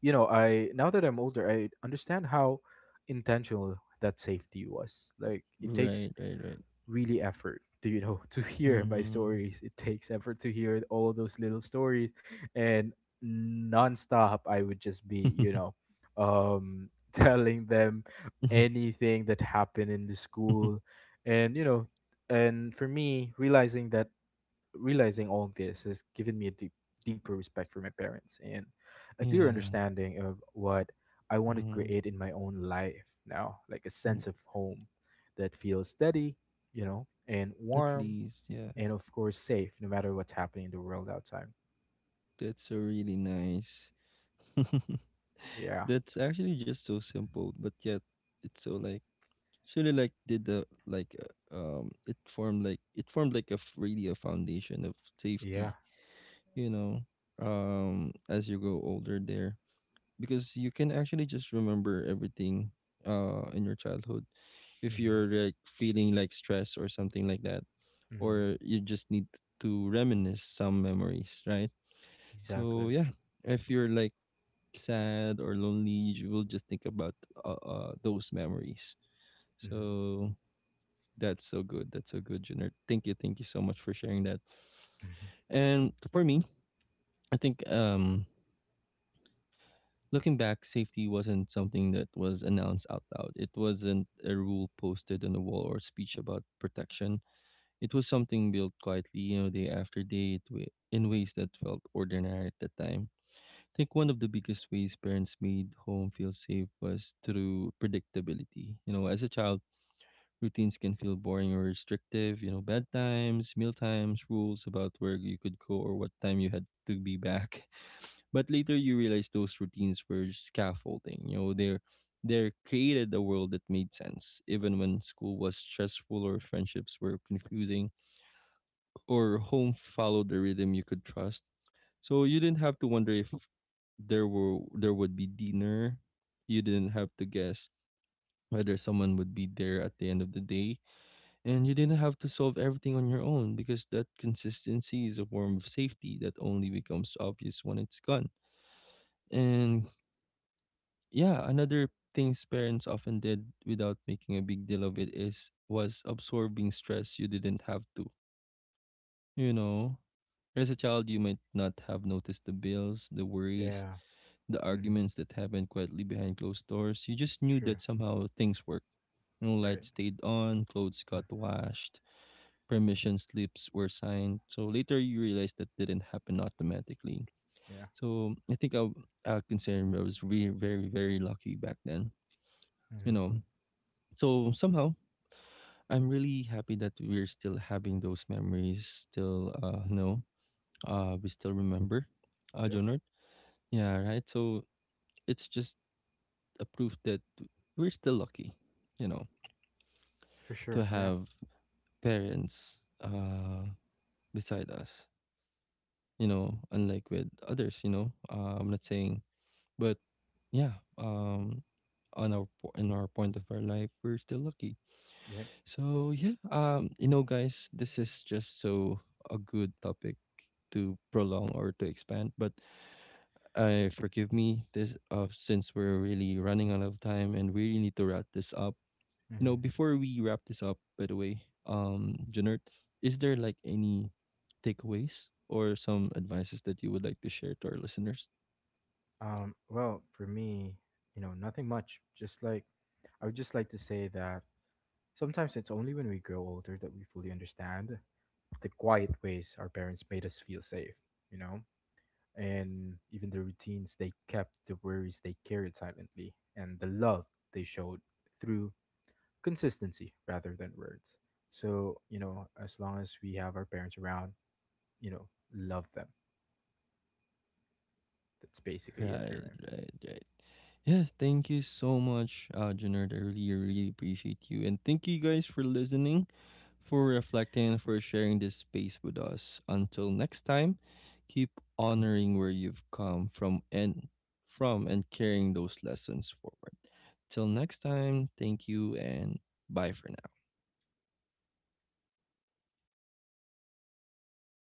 you know, I now that I'm older, I understand how intentional that safety was. Like it takes
Right, right, right.
really effort to, you know, *laughs* to hear my
Mhm.
stories. It takes effort to hear all of those little stories. And nonstop I would just be, you know, um *laughs* telling them
*laughs*
anything that happened in the school. And you know, and for me, realizing all of this has given me a deep, deeper respect for my parents, and a clear
Yeah.
understanding of what I want to
Mm,
create in my own life now, like a
mm.
sense of home that feels steady, you know, and
At
warm,
least, yeah.
and of course safe, no matter what's happening in the world outside.
That's a really nice. *laughs*
Yeah,
That's actually just so simple, but yet it's so like it's really like did the like it formed like it formed like a really a foundation of
yeah,
safety, you know, as you grow older there because you can actually just remember everything in your childhood if
mm-hmm.
you're like feeling like stress or something like that,
Mm-hmm.
or you just need to reminisce some memories, right?
Exactly.
So yeah, if you're like sad or lonely, you will just think about those memories.
Mm-hmm.
So that's so good, Jenner. Thank you, thank you so much for sharing that.
Mm-hmm.
And for me, I think looking back, safety wasn't something that was announced out loud. It wasn't a rule posted on the wall or speech about protection. It was something built quietly, you know, day after day, in ways that felt ordinary at the time. I think one of the biggest ways parents made home feel safe was through predictability. You know, as a child, routines can feel boring or restrictive, you know, bedtimes, meal times, rules about where you could go or what time you had to be back. *laughs* But later you realize those routines were scaffolding. You know, they created a world that made sense, even when school was stressful or friendships were confusing, or home followed a rhythm you could trust. So you didn't have to wonder if there would be dinner. You didn't have to guess whether someone would be there at the end of the day, and you didn't have to solve everything on your own because that consistency is a form of safety that only becomes obvious when it's gone. And yeah, another things parents often did without making a big deal of it is was absorbing stress you didn't have to. You know, as a child, you might not have noticed the bills, the
Yeah,
worries, the
mm-hmm.
arguments that happened quietly behind closed doors. You just knew
Sure,
that somehow things worked. No
right.
lights stayed on, clothes got washed, permission slips were signed. So later you realize that didn't happen automatically.
Mm-hmm. Yeah,
So I think I, w- I consider I was really very, very lucky back then,
mm-hmm.
you know. So somehow I'm really happy that we're still having those memories, still, no. We still remember,
Yep,
Jonard. Yeah, right. So it's just a proof that we're still lucky, you know,
for
to
sure. Yeah,
have parents uh beside us. You know, unlike with others. You know, I'm not saying, but yeah, on our po- in our point of our life, we're still lucky.
yep.
So yeah, you know, guys, this is just so a good topic to prolong or to expand, but uh, forgive me this since we're really running out of time and we really need to wrap this up. You know,
Mm-hmm.
before we wrap this up, by the way, Janert, is there like any takeaways or some advices that you would like to share to our listeners?
Well, for me, you know, nothing much. Just like I would just like to say that sometimes it's only when we grow older that we fully understand the quiet ways our parents made us feel safe, you know, and even the routines they kept, the worries they carried silently, and the love they showed through consistency rather than words. So, you know, as long as we have our parents around, you know, love them. That's basically it for
Right,
me.
right, right. Yeah, thank you so much, Junard. I really, really appreciate you. And thank you guys for listening, for reflecting, and for sharing this space with us. Until next time, keep honoring where you've come from and carrying those lessons forward. Till next time, thank you and bye for now.